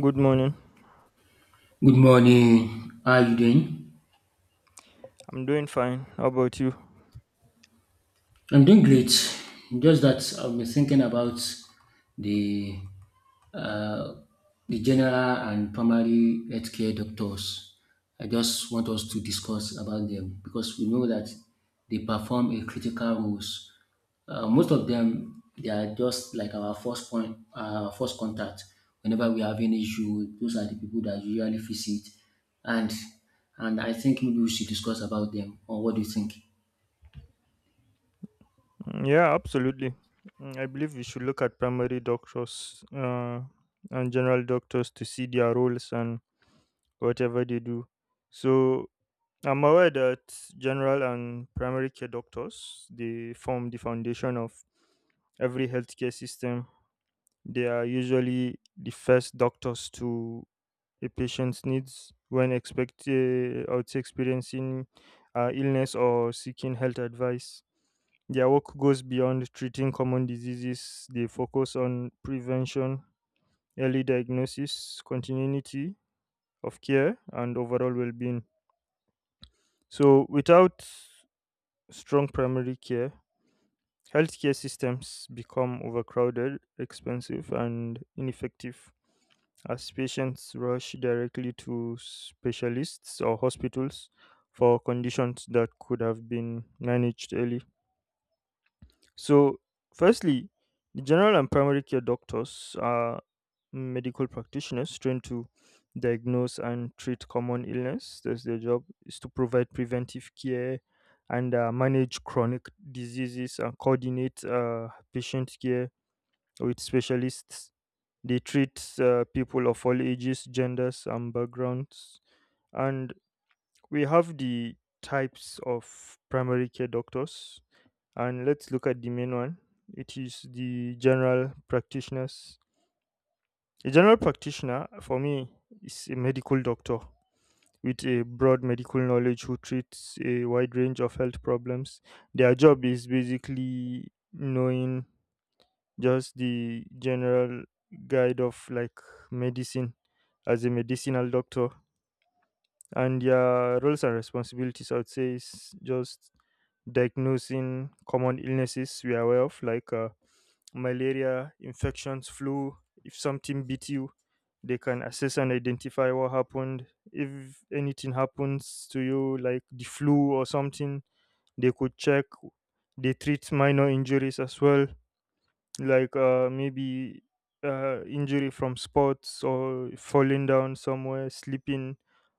Good morning. Good morning. How are you doing? I'm doing fine. How about you? I'm doing great. Just that I've been thinking about the uh, the general and primary healthcare doctors. I just want us to discuss about them because we know that they perform a critical roles. Most of them, they are just like our first point, first contact. Whenever we have any issue, those are the people that usually visit, and and I think maybe we should discuss about them. Or what do you think? Mm, yeah, absolutely. I believe we should look at primary doctors and general doctors to see their roles and whatever they do. So I'm aware that general and primary care doctors they form the foundation of every healthcare system. They are usually the first doctors to a patient's needs when expect I would say experiencing illness or seeking health advice. Their work goes beyond treating common diseases, they focus on prevention, early diagnosis, continuity of care, and overall well being. So, without strong primary care, healthcare systems become overcrowded, expensive, and ineffective as patients rush directly to specialists or hospitals for conditions that could have been managed early. So, firstly, the general and primary care doctors are medical practitioners trained to diagnose and treat common illness. That's their job is to provide preventive care and manage chronic diseases and coordinate patient care with specialists. They treat people of all ages, genders, and backgrounds. And we have the types of primary care doctors and let's look at the main one. It is the general practitioners. A general practitioner, for me, is a medical doctor with a broad medical knowledge who treats a wide range of health problems. Their job is basically knowing just the general guide of like medicine as a medicinal doctor. And their roles and responsibilities, I would say, is just diagnosing common illnesses we are aware of, like malaria, infections, flu. If something beat you, they can assess and identify what happened. If anything happens to you, like the flu or something, they could check. They treat minor injuries as well, like maybe injury from sports or falling down somewhere, slipping,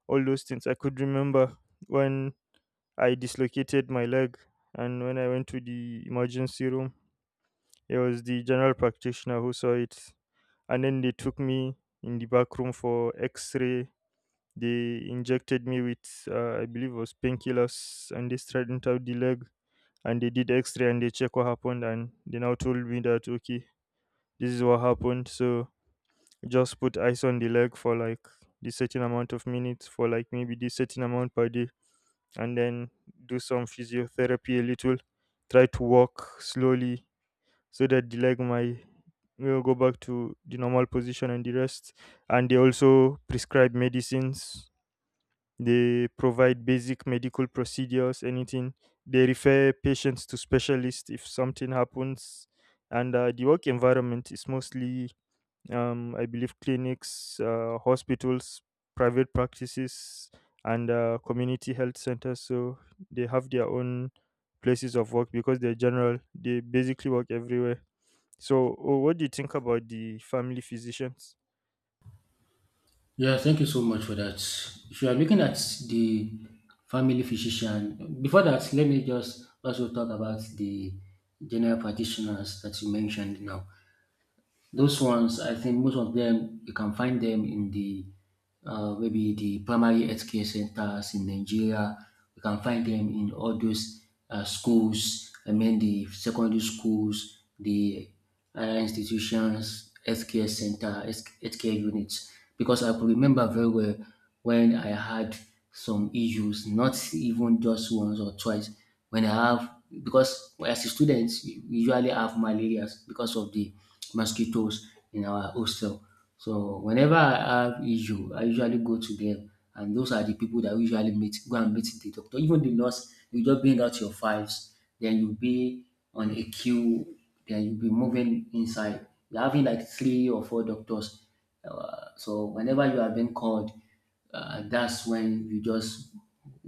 all those things. I could remember when I dislocated my leg and when I went to the emergency room, it was the general practitioner who saw it and then they took me in the back room for x-ray. They injected me with I believe it was painkillers and they straightened out the leg and they did x-ray and they check what happened and they now told me that okay, this is what happened, so just put ice on the leg for like the certain amount of minutes for like maybe the certain amount per day and then do some physiotherapy a little, try to walk slowly so that the leg might will go back to the normal position and the rest. And they also prescribe medicines. They provide basic medical procedures, anything. They refer patients to specialists if something happens. And the work environment is mostly, I believe, clinics, hospitals, private practices, and community health centers. So they have their own places of work because they're general. They basically work everywhere so, oh, what do you think about the family physicians? Yeah, thank you so much for that. If you are looking at the family physician, before that, let me just also talk about the general practitioners that you mentioned now. Those ones, I think most of them, you can find them in the maybe the primary healthcare centers in Nigeria. You can find them in all those schools. I mean, the secondary schools, the higher institutions, healthcare center, healthcare units. Because I could remember very well when I had some issues, not even just once or twice. When I have, because as a student, we usually have malaria because of the mosquitoes in our hostel. So whenever I have issue, I usually go to them, and those are the people that we usually meet. Go and meet the doctor, even the nurse. You just bring out your files, then you'll be on a queue, then you'll be moving inside. You're having like three or four doctors. So whenever you are being called, that's when you just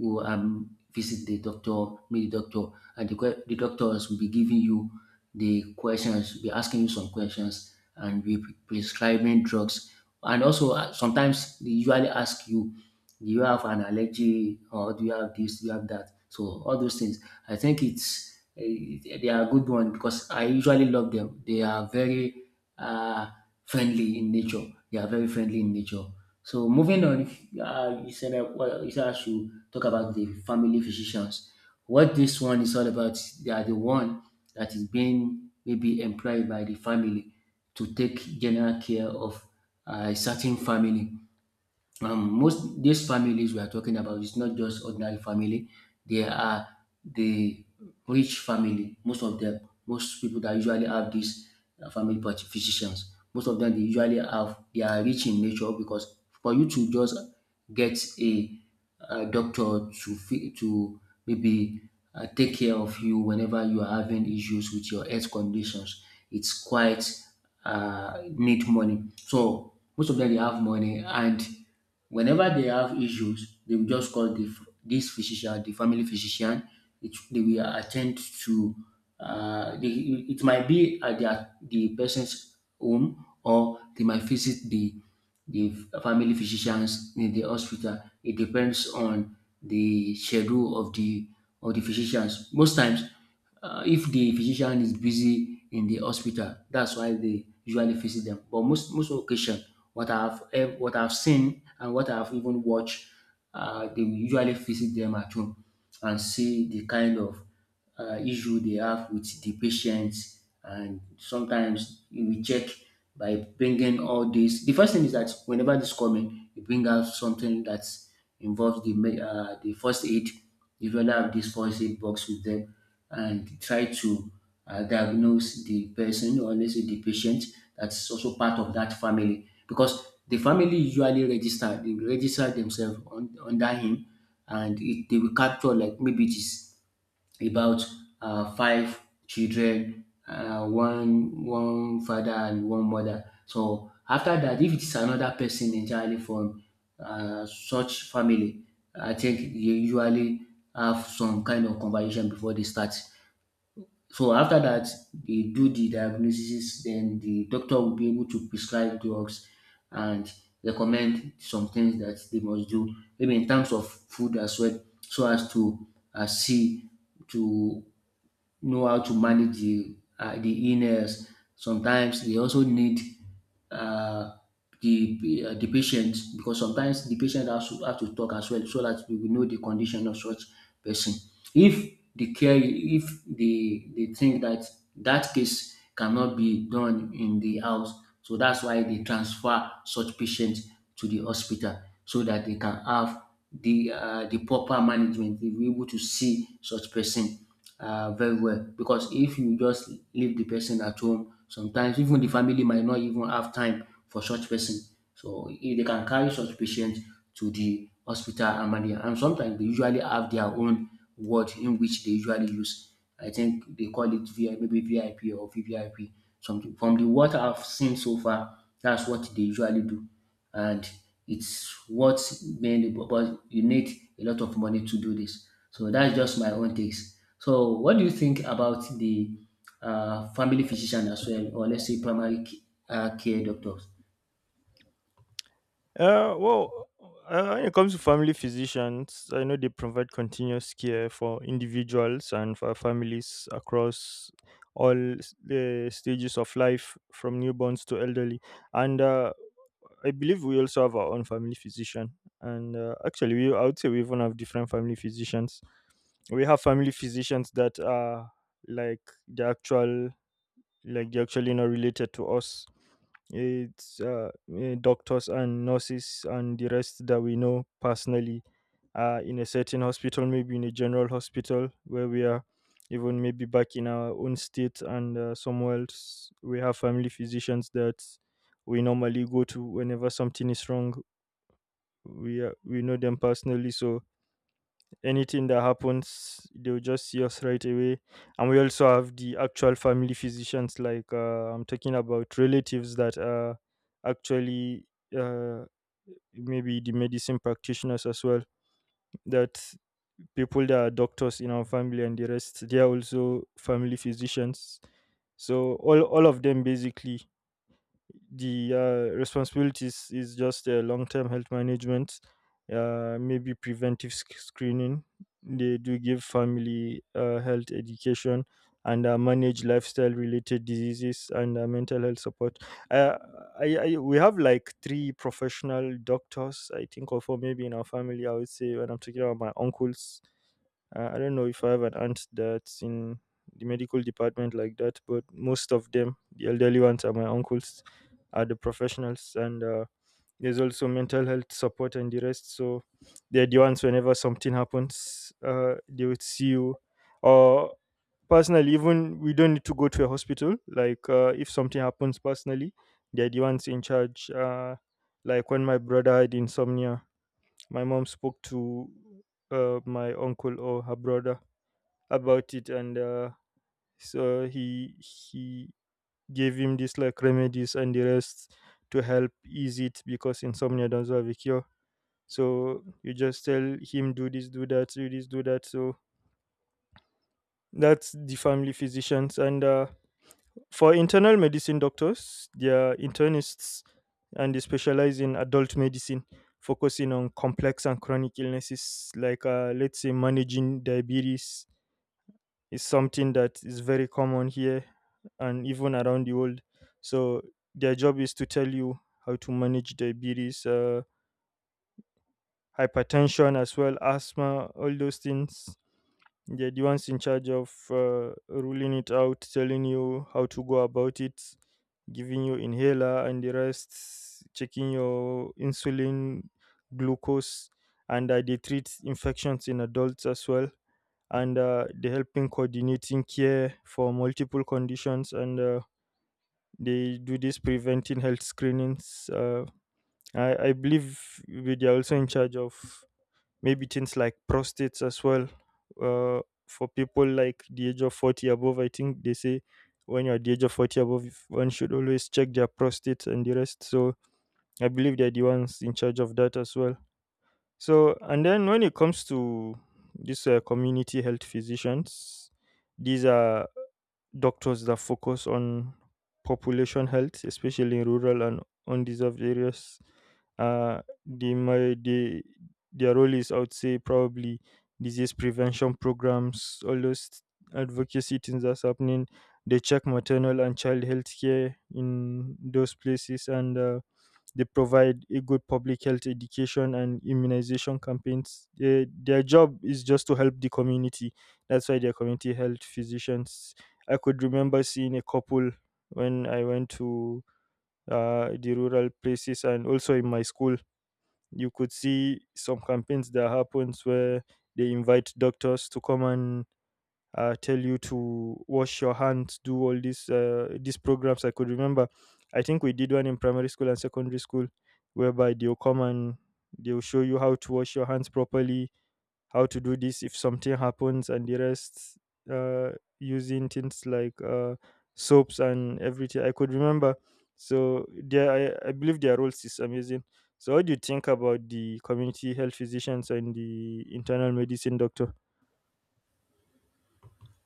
go visit the doctor, meet the doctor, and the doctors will be giving you the questions, be asking you some questions, and be prescribing drugs. And also, sometimes they usually ask you, do you have an allergy, or do you have this, do you have that? So all those things. I think they are good one because I usually love them. They are very uh, friendly in nature. They are very friendly in nature. So moving on, if, you said that well, you said I should talk about the family physicians. What this one is all about, they are the one that is being maybe employed by the family to take general care of a certain family. Most these families we are talking about is not just ordinary family, they are the rich family, most of them. Most people that usually have this physicians, most of them they usually have, they are rich in nature, because for you to just get a, doctor to to maybe take care of you whenever you are having issues with your health conditions, it's quite need money. So most of them they have money, and whenever they have issues, they will just call the, this physician, the family physician. They will attend to. Uh, they, it might be at their, the person's home, or they might visit the family physicians in the hospital. It depends on the schedule of the physicians. Most times, if the physician is busy in the hospital, that's why they usually visit them. But most occasion, what I've seen and what I've even watched, they will usually visit them at home and see the kind of issue they have with the patients. And sometimes you will check by bringing all this. The first thing is that whenever this coming, you bring out something that involves the first aid. You usually have this first aid box with them and try to diagnose the person, or let's say the patient that's also part of that family, because the family usually register, they register themselves on, under him, and they will capture like maybe it is about five children, one father and one mother. So after that, if it is another person entirely from such family, I think they usually have some kind of conversation before they start. So after that, they do the diagnosis, then the doctor will be able to prescribe drugs and recommend some things that they must do, maybe in terms of food as well, so as to see to know how to manage the illness. Sometimes they also need uh, the patient, because sometimes the patient have to talk as well so that we will know the condition of such person. If the care if the they think that that case cannot be done in the house, so that's why they transfer such patients to the hospital so that they can have the proper management. They will be able to see such person very well, because if you just leave the person at home, sometimes even the family might not even have time for such person. So if they can carry such patient to the hospital and manage, and sometimes they usually have their own word in which they usually use. I think they call it VI, maybe VIP or VVIP. Something from the what I've seen so far, that's what they usually do. And it's what many, but you need a lot of money to do this. So that's just my own takes. So what do you think about the family physician as well, or let's say care doctors? Uh, well, when it comes to family physicians, I know they provide continuous care for individuals and for families across the stages of life, from newborns to elderly. And I believe we also have our own family physician. And actually, we I would say we even have different family physicians. We have family physicians that are like the actual, like they're actually not related to us. It's doctors and nurses and the rest that we know personally in a certain hospital, maybe in a general hospital where we are, even maybe back in our own state and somewhere else. We have family physicians that we normally go to whenever something is wrong. We know them personally, so anything that happens they'll just see us right away. And we also have the actual family physicians, like I'm talking about relatives that are actually uh, maybe the medicine practitioners as well, that, people that are doctors in our family and the rest, they are also family physicians. So all of them basically, the responsibilities is just long-term health management, maybe screening. They do give family health education and manage lifestyle related diseases and mental health support. uh, we have like three professional doctors, I think, or four maybe in our family, I would say, when I'm talking about my uncles. I don't know if I have an aunt that's in the medical department like that, but most of them, the elderly ones, are my uncles, are the professionals, and there's also mental health support and the rest. So they're the ones whenever something happens, they would see you. Or personally, even we don't need to go to a hospital. Like if something happens personally, they're the ones in charge. Like when my brother had insomnia, my mom spoke to my uncle or her brother about it, and so he gave him this like remedies and the rest to help ease it because insomnia doesn't have a cure, so you just tell him do this do that do this do that. So that's the family physicians. And for internal medicine doctors, they are internists and they specialize in adult medicine, focusing on complex and chronic illnesses, like let's say managing diabetes is something that is very common here and even around the world. So their job is to tell you how to manage diabetes, hypertension as well, asthma, all those things. They're the ones in charge of ruling it out, telling you how to go about it, giving you inhaler and the rest, checking your insulin, glucose, and they treat infections in adults as well, and they help in coordinating care for multiple conditions, and they do this preventing health screenings. I believe they are also in charge of maybe things like prostates as well. Uh, for people like the age of 40 above, I think they say when you're at the age of 40 above, one should always check their prostates and the rest. So I believe they're the ones in charge of that as well. So, and then when it comes to these community health physicians, these are doctors that focus on population health, especially in rural and undeserved areas. They, their role is, I would say, probably disease prevention programs, all those advocacy things that's happening. They check maternal and child health care in those places, and they provide a good public health education and immunization campaigns. Their job is just to help the community. That's why they're community health physicians. I could remember seeing a couple when I went to the rural places and also in my school. You could see some campaigns that happens where they invite doctors to come and tell you to wash your hands, do all these programs. I could remember. I think we did one in primary school and secondary school, whereby they'll come and they'll show you how to wash your hands properly, how to do this if something happens, and the rest, uh, using things like soaps and everything. I could remember. So there, I believe their roles is amazing. So, what do you think about the community health physicians and the internal medicine doctor?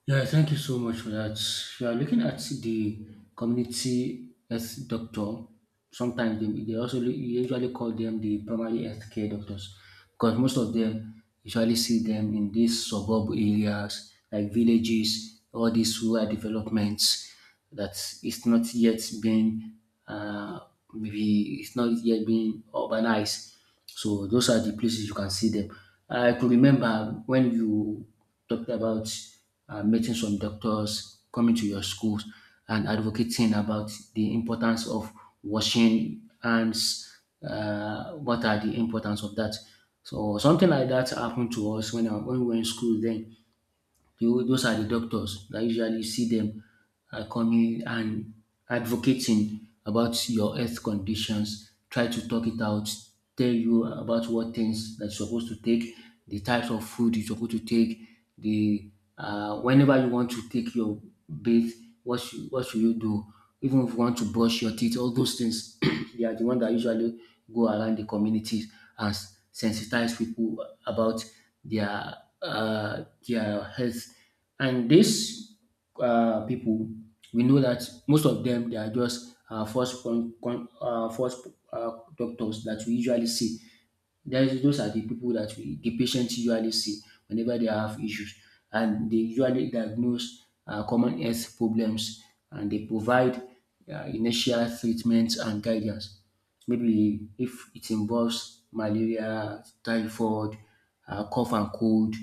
Yeah, thank you so much for that. We are looking at the community health doctor. Sometimes they also, you usually call them the primary health care doctors, because most of them usually see them in these suburb areas like villages, all these rural developments that it's not yet being, uh, maybe it's not yet being urbanized. So those are the places you can see them. I could remember when you talked about meeting some doctors, coming to your schools, and advocating about the importance of washing hands. What are the importance of that? So something like that happened to us when we were in school. Then those are the doctors that usually see them, are coming and advocating about your health conditions, try to talk it out, tell you about what things that you're supposed to take, the types of food you're supposed to take, the whenever you want to take your bath, what should you do? Even if you want to brush your teeth, all those things, they are the ones that usually go around the communities and sensitize people about their their health. And these people, we know that most of them they are just first uh, doctors that we usually see. That is, those are the people that the patients usually see whenever they have issues, and they usually diagnose common health problems, and they provide initial treatment and guidance. Maybe if it involves malaria, typhoid, cough and cold,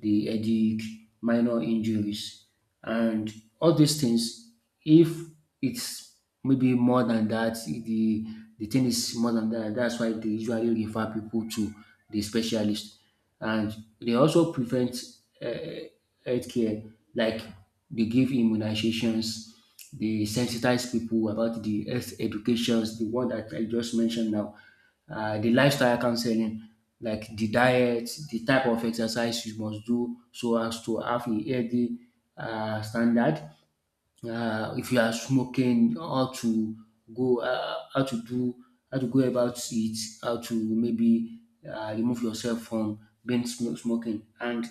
the headache, minor injuries, and all these things. If it's maybe more than that. The thing is more than that. That's why they usually refer people to the specialist, and they also prevent uh, healthcare, like they give immunizations, they sensitize people about the health educations, the one that I just mentioned now, the lifestyle counseling, like the diet, the type of exercise you must do so as to have a healthy standard. If you are smoking, go, uh, how to do, how to go about it, how to maybe remove yourself from being smoking, and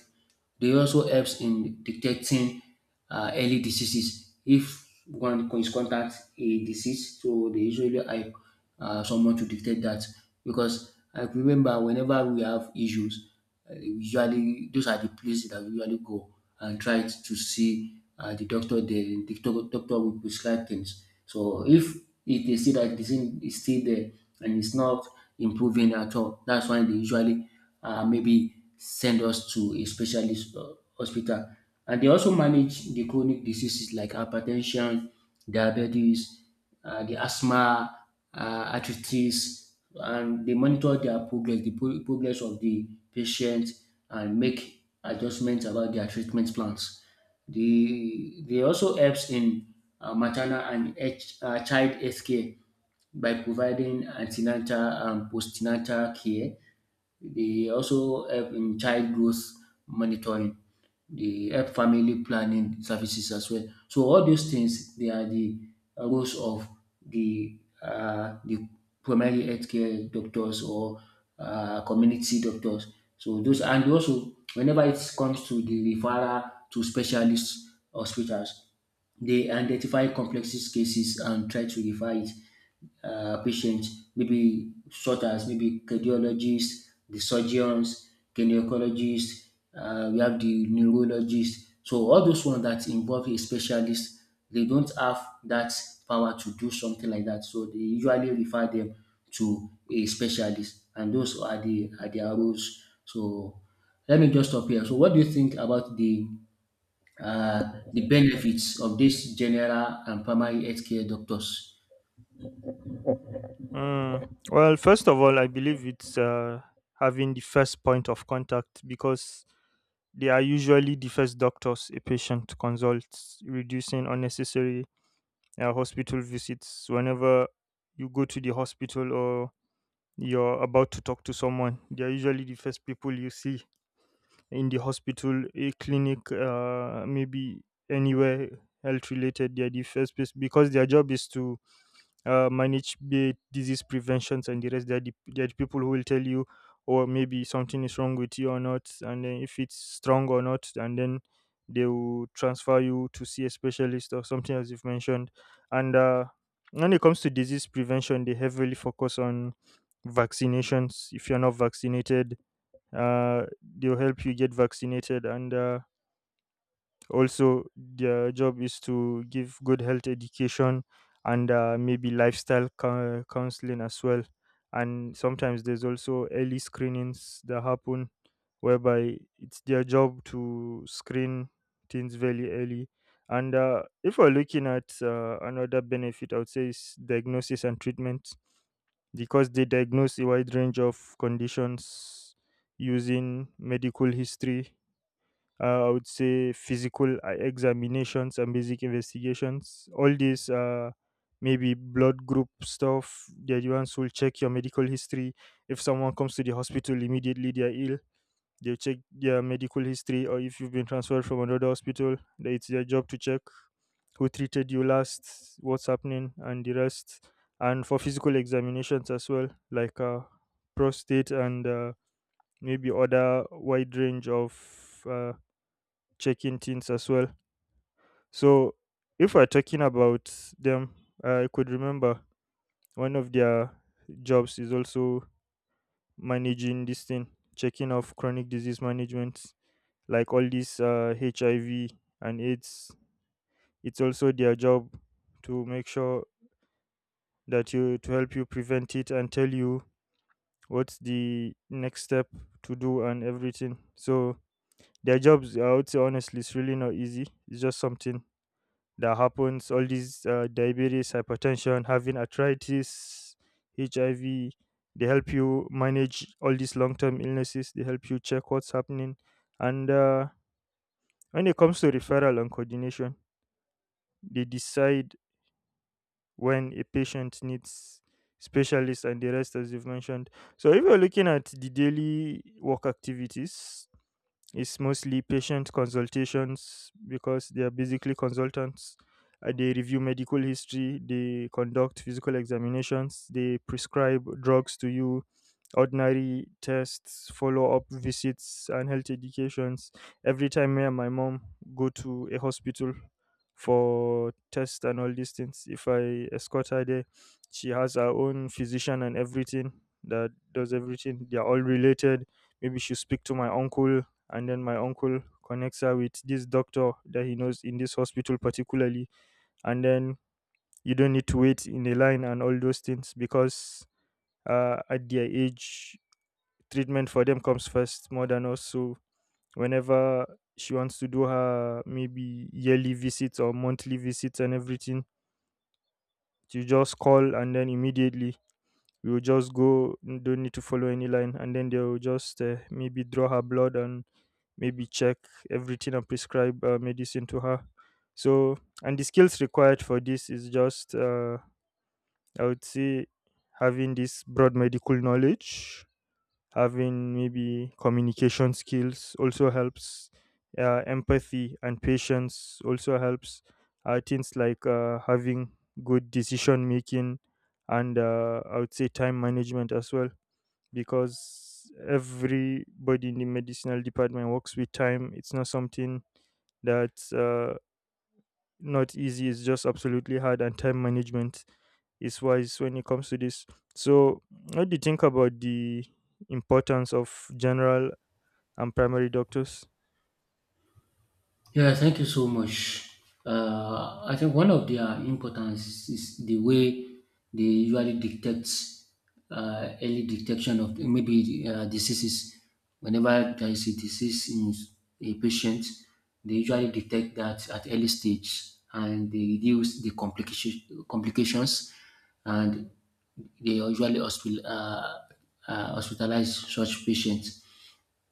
they also helps in detecting early diseases. If one is contact a disease, so they usually help someone to detect that. Because I remember whenever we have issues, usually those are the places that we usually go and try to see the doctor there. Doctor will prescribe things. So if they see that the thing is still there and it's not improving at all, that's why they usually maybe send us to a specialist hospital. And they also manage the chronic diseases like hypertension, diabetes, the asthma, uh, arthritis, and they monitor their progress, progress of the patient, and make adjustments about their treatment plans. They also helps in maternal child health care by providing antenatal and postnatal care. They also help in child growth monitoring. They help family planning services as well. So all those things, they are the roles of the primary healthcare doctors or community doctors. So those, and also whenever it comes to the referral to specialist hospitals, they identify complex cases and try to refer it patients, maybe such as maybe cardiologists, the surgeons, gynecologists, we have the neurologists. So all those ones that involve a specialist, they don't have that power to do something like that. So they usually refer them to a specialist, and those are their roles. So let me just stop here. So what do you think about the benefits of this general and primary healthcare doctors? Well, first of all, I believe it's having the first point of contact because they are usually the first doctors a patient consults, reducing unnecessary hospital visits. Whenever you go to the hospital or you're about to talk to someone, they are usually the first people you see in the hospital, a clinic, maybe anywhere health related. They are the first place because their job is to manage be it disease preventions and the rest. There are the people who will tell you or maybe something is wrong with you or not, and then if it's strong or not, and then they will transfer you to see a specialist or something as you've mentioned. And when it comes to disease prevention, they heavily focus on vaccinations. If you're not vaccinated, uh, they'll help you get vaccinated, and also their job is to give good health education and maybe counseling as well, and sometimes there's also early screenings that happen whereby it's their job to screen things very early. And if we're looking at another benefit, I would say, is diagnosis and treatment because they diagnose a wide range of conditions using medical history, I would say physical examinations and basic investigations. All these, maybe blood group stuff. The advance will check your medical history. If someone comes to the hospital immediately, they are ill. They will check their medical history, or if you've been transferred from another hospital, that it's their job to check who treated you last, what's happening, and the rest. And for physical examinations as well, like prostate and maybe other wide range of checking things as well. So, if we're talking about them, I could remember one of their jobs is also managing this thing, checking of chronic disease management, like all these HIV and AIDS. It's also their job to make sure that you to help you prevent it and tell you what's the next step to do and everything. So their jobs, I would say honestly, it's really not easy. It's just something that happens all these diabetes, hypertension, having arthritis, hiv, they help you manage all these long-term illnesses. They help you check what's happening, and when it comes to referral and coordination, they decide when a patient needs specialists and the rest, as you've mentioned. So if you're looking at the daily work activities, it's mostly patient consultations because they are basically consultants. They review medical history, they conduct physical examinations, they prescribe drugs to you, ordinary tests, follow up visits, and health educations. Every time me and my mom go to a hospital for tests and all these things, if I escort her there, she has her own physician and everything that does everything. They are all related. Maybe she'll speak to my uncle, and then my uncle connects her with this doctor that he knows in this hospital particularly, and then you don't need to wait in a line and all those things, because at their age, treatment for them comes first more than us. So whenever she wants to do her maybe yearly visits or monthly visits and everything, you just call and then immediately we will just go, don't need to follow any line, and then they will just maybe draw her blood and maybe check everything and prescribe medicine to her. So, and the skills required for this is just I would say having this broad medical knowledge, having maybe communication skills also helps, empathy and patience also helps, things like having good decision making, and I would say time management as well, because everybody in the medicinal department works with time. It's not something that not easy. It's just absolutely hard, and time management is wise when it comes to this. So, what do you think about the importance of general and primary doctors? Yeah, thank you so much. I think one of their importance is the way they usually detect early detection of maybe diseases. Whenever there is a disease in a patient, they usually detect that at early stage and they reduce the complications and they usually hospitalize such patients.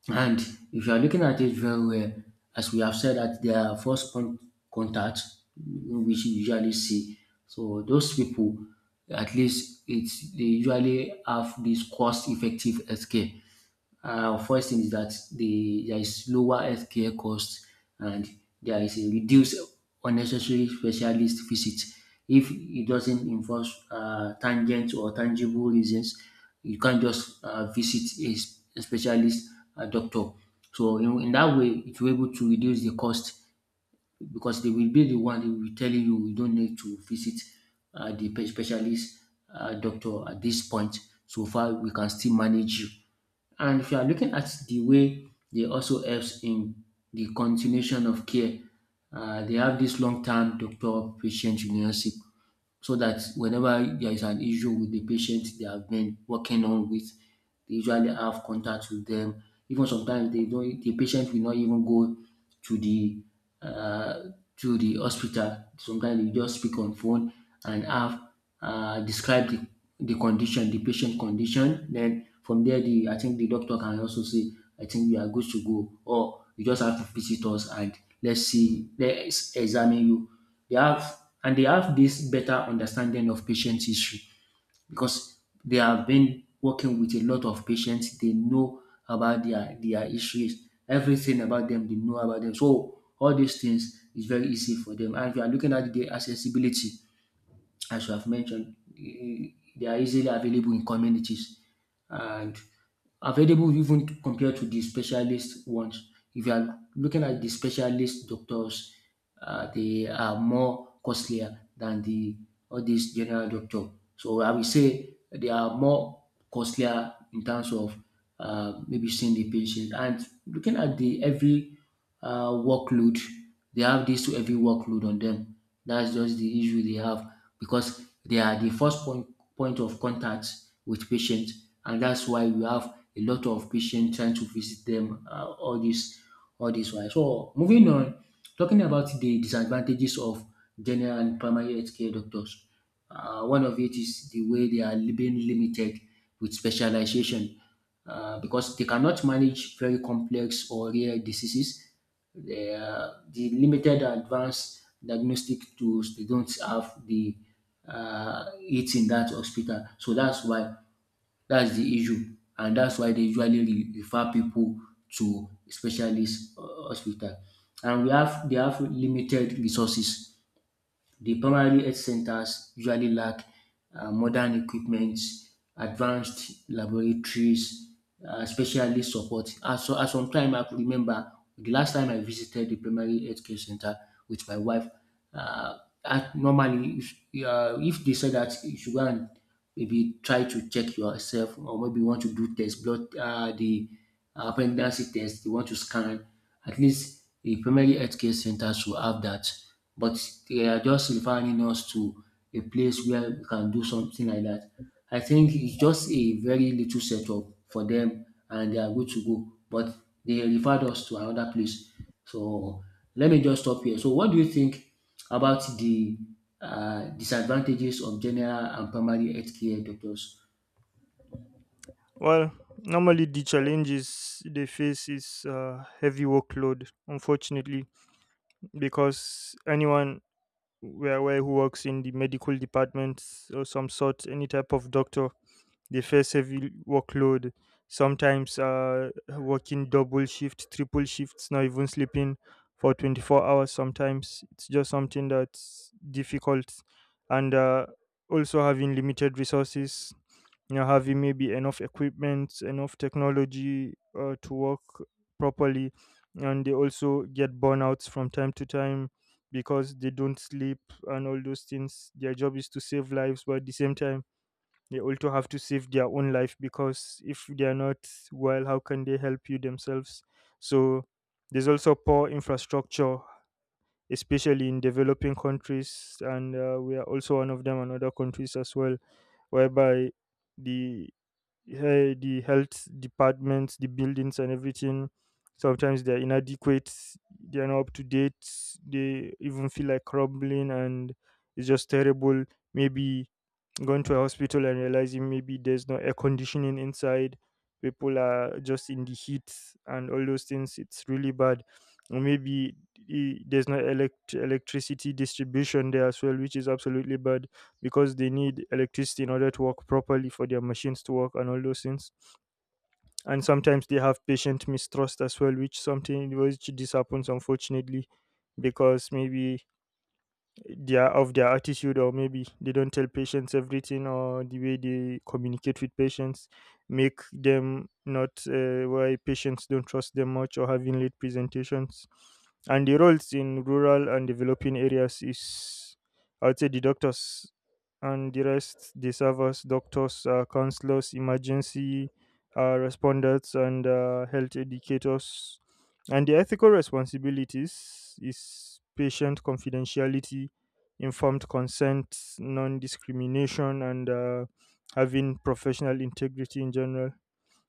And if you are looking at it very well, as we have said that there are contact, which you usually see. So those people, at least it's they usually have this cost-effective healthcare. First thing is that there is lower healthcare cost and there is a reduced unnecessary specialist visit if it doesn't involve tangent or tangible reasons. You can't just visit a specialist doctor. So in that way, it will able to reduce the cost because they will be the one who will telling you you don't need to visit specialist doctor at this point. So far, we can still manage you. And if you are looking at the way they also helps in the continuation of care, they have this long-term doctor-patient relationship so that whenever there is an issue with the patient they have been working on with, they usually have contact with them. Even sometimes the patient will not even go to uh, the hospital. Sometimes they just speak on phone and have describe the condition, the patient condition. Then from there, the I think the doctor can also say, I think you are good to go, or you just have to visit us and let's examine you. They have and they have this better understanding of patient history because they have been working with a lot of patients. They know about their histories, everything about them. They know about them. So all these things is very easy for them. And if you are looking at the accessibility, as you have mentioned, they are easily available in communities and available compared to the specialist ones. If you are looking at the specialist doctors, they are more costlier than the all these general doctor. So I will say they are more costlier in terms of maybe seeing the patient and looking at the every workload. They have this to every workload on them. That's just the issue they have because they are the point of contact with patients, and that's why we have a lot of patients trying to visit them uh, all this while. So moving on, talking about the disadvantages of general and primary healthcare doctors. One of it is the way being limited with specialization because they cannot manage very complex or rare diseases. They are, the limited advanced diagnostic tools, they don't have the it in that hospital. So that's the issue. And that's why they refer people to specialist hospital. And we have They have limited resources, the primary health centers usually lack modern equipment, advanced laboratories, specialist support. At some time, I could remember the last time I visited the primary healthcare center with my wife. Uh, at, normally, if they say that you should go and maybe try to check yourself, or maybe you want to do test blood, the pregnancy test, you want to scan, at least the primary healthcare centers will have that. But they are just referring us to a place where we can do something like that. I think it's just a very little setup for them and they are good to go. But they referred us to another place. So let me just stop here. So what do you think about the disadvantages of general and primary healthcare doctors? Well, normally the challenges they face is heavy workload, unfortunately, because anyone we are aware who works in the medical department or some sort, any type of doctor, they face heavy workload sometimes, working double shift, triple shifts, not even sleeping for 24 hours sometimes. It's just something that's difficult, and also having limited resources, you know, having maybe enough equipment, enough technology to work properly. And they also get burnouts from time to time because they don't sleep and all those things. Their job is to save lives, but at the same time they also have to save their own life, because if they are not well, how can they help you themselves? So there's also poor infrastructure, especially in developing countries, and we are also one of them, and other countries as well, whereby the the health departments, the buildings, and everything, sometimes they're inadequate, they are not up to date, they even feel like crumbling, and it's just terrible. Maybe going to a hospital and realizing maybe there's no air conditioning inside, people are just in the heat and all those things, it's really bad. Or maybe there's no electricity distribution there as well, which is absolutely bad, because they need electricity in order to work properly, for their machines to work and all those things. And sometimes they have patient mistrust as well, which something which this happens, unfortunately, because maybe their of their attitude, or maybe they don't tell patients everything, or the way they communicate with patients make them not why patients don't trust them much, or having late presentations. And the roles in rural and developing areas is, I would say the doctors and the rest, they serve us doctors, counselors, emergency responders, and health educators. And the ethical responsibilities is patient confidentiality, informed consent, non discrimination, and having professional integrity in general.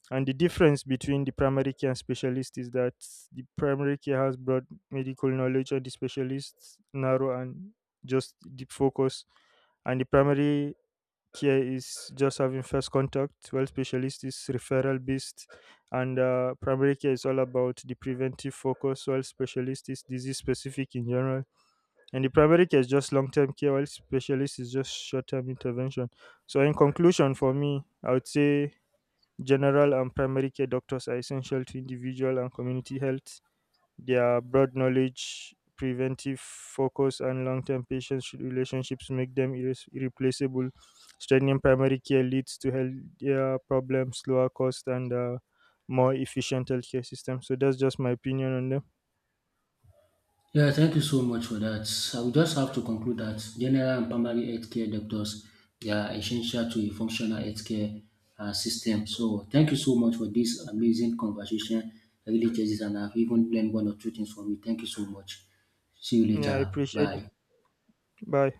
And the difference between the primary care and specialist is that the primary care has broad medical knowledge, and the specialist narrow and just deep focus. And the primary care is just having first contact, while specialist is referral based, and primary care is all about the preventive focus, while specialist is disease specific in general. And the primary care is just long term care, while specialist is just short term intervention. So, in conclusion, for me, I would say general and primary care doctors are essential to individual and community health. Their broad knowledge, preventive focus, and long term patient relationships make them irreplaceable. Strengthening primary care leads to healthier problems, lower cost, and more efficient healthcare system. So, that's just my opinion on them. Yeah, thank you so much for that. I will just have to conclude that general and primary healthcare doctors they are essential to a functional healthcare system. So thank you so much for this amazing conversation. I really just and I've even learned one or two things from you. Thank you so much. See you Yeah, I later. appreciate it. Bye. Bye.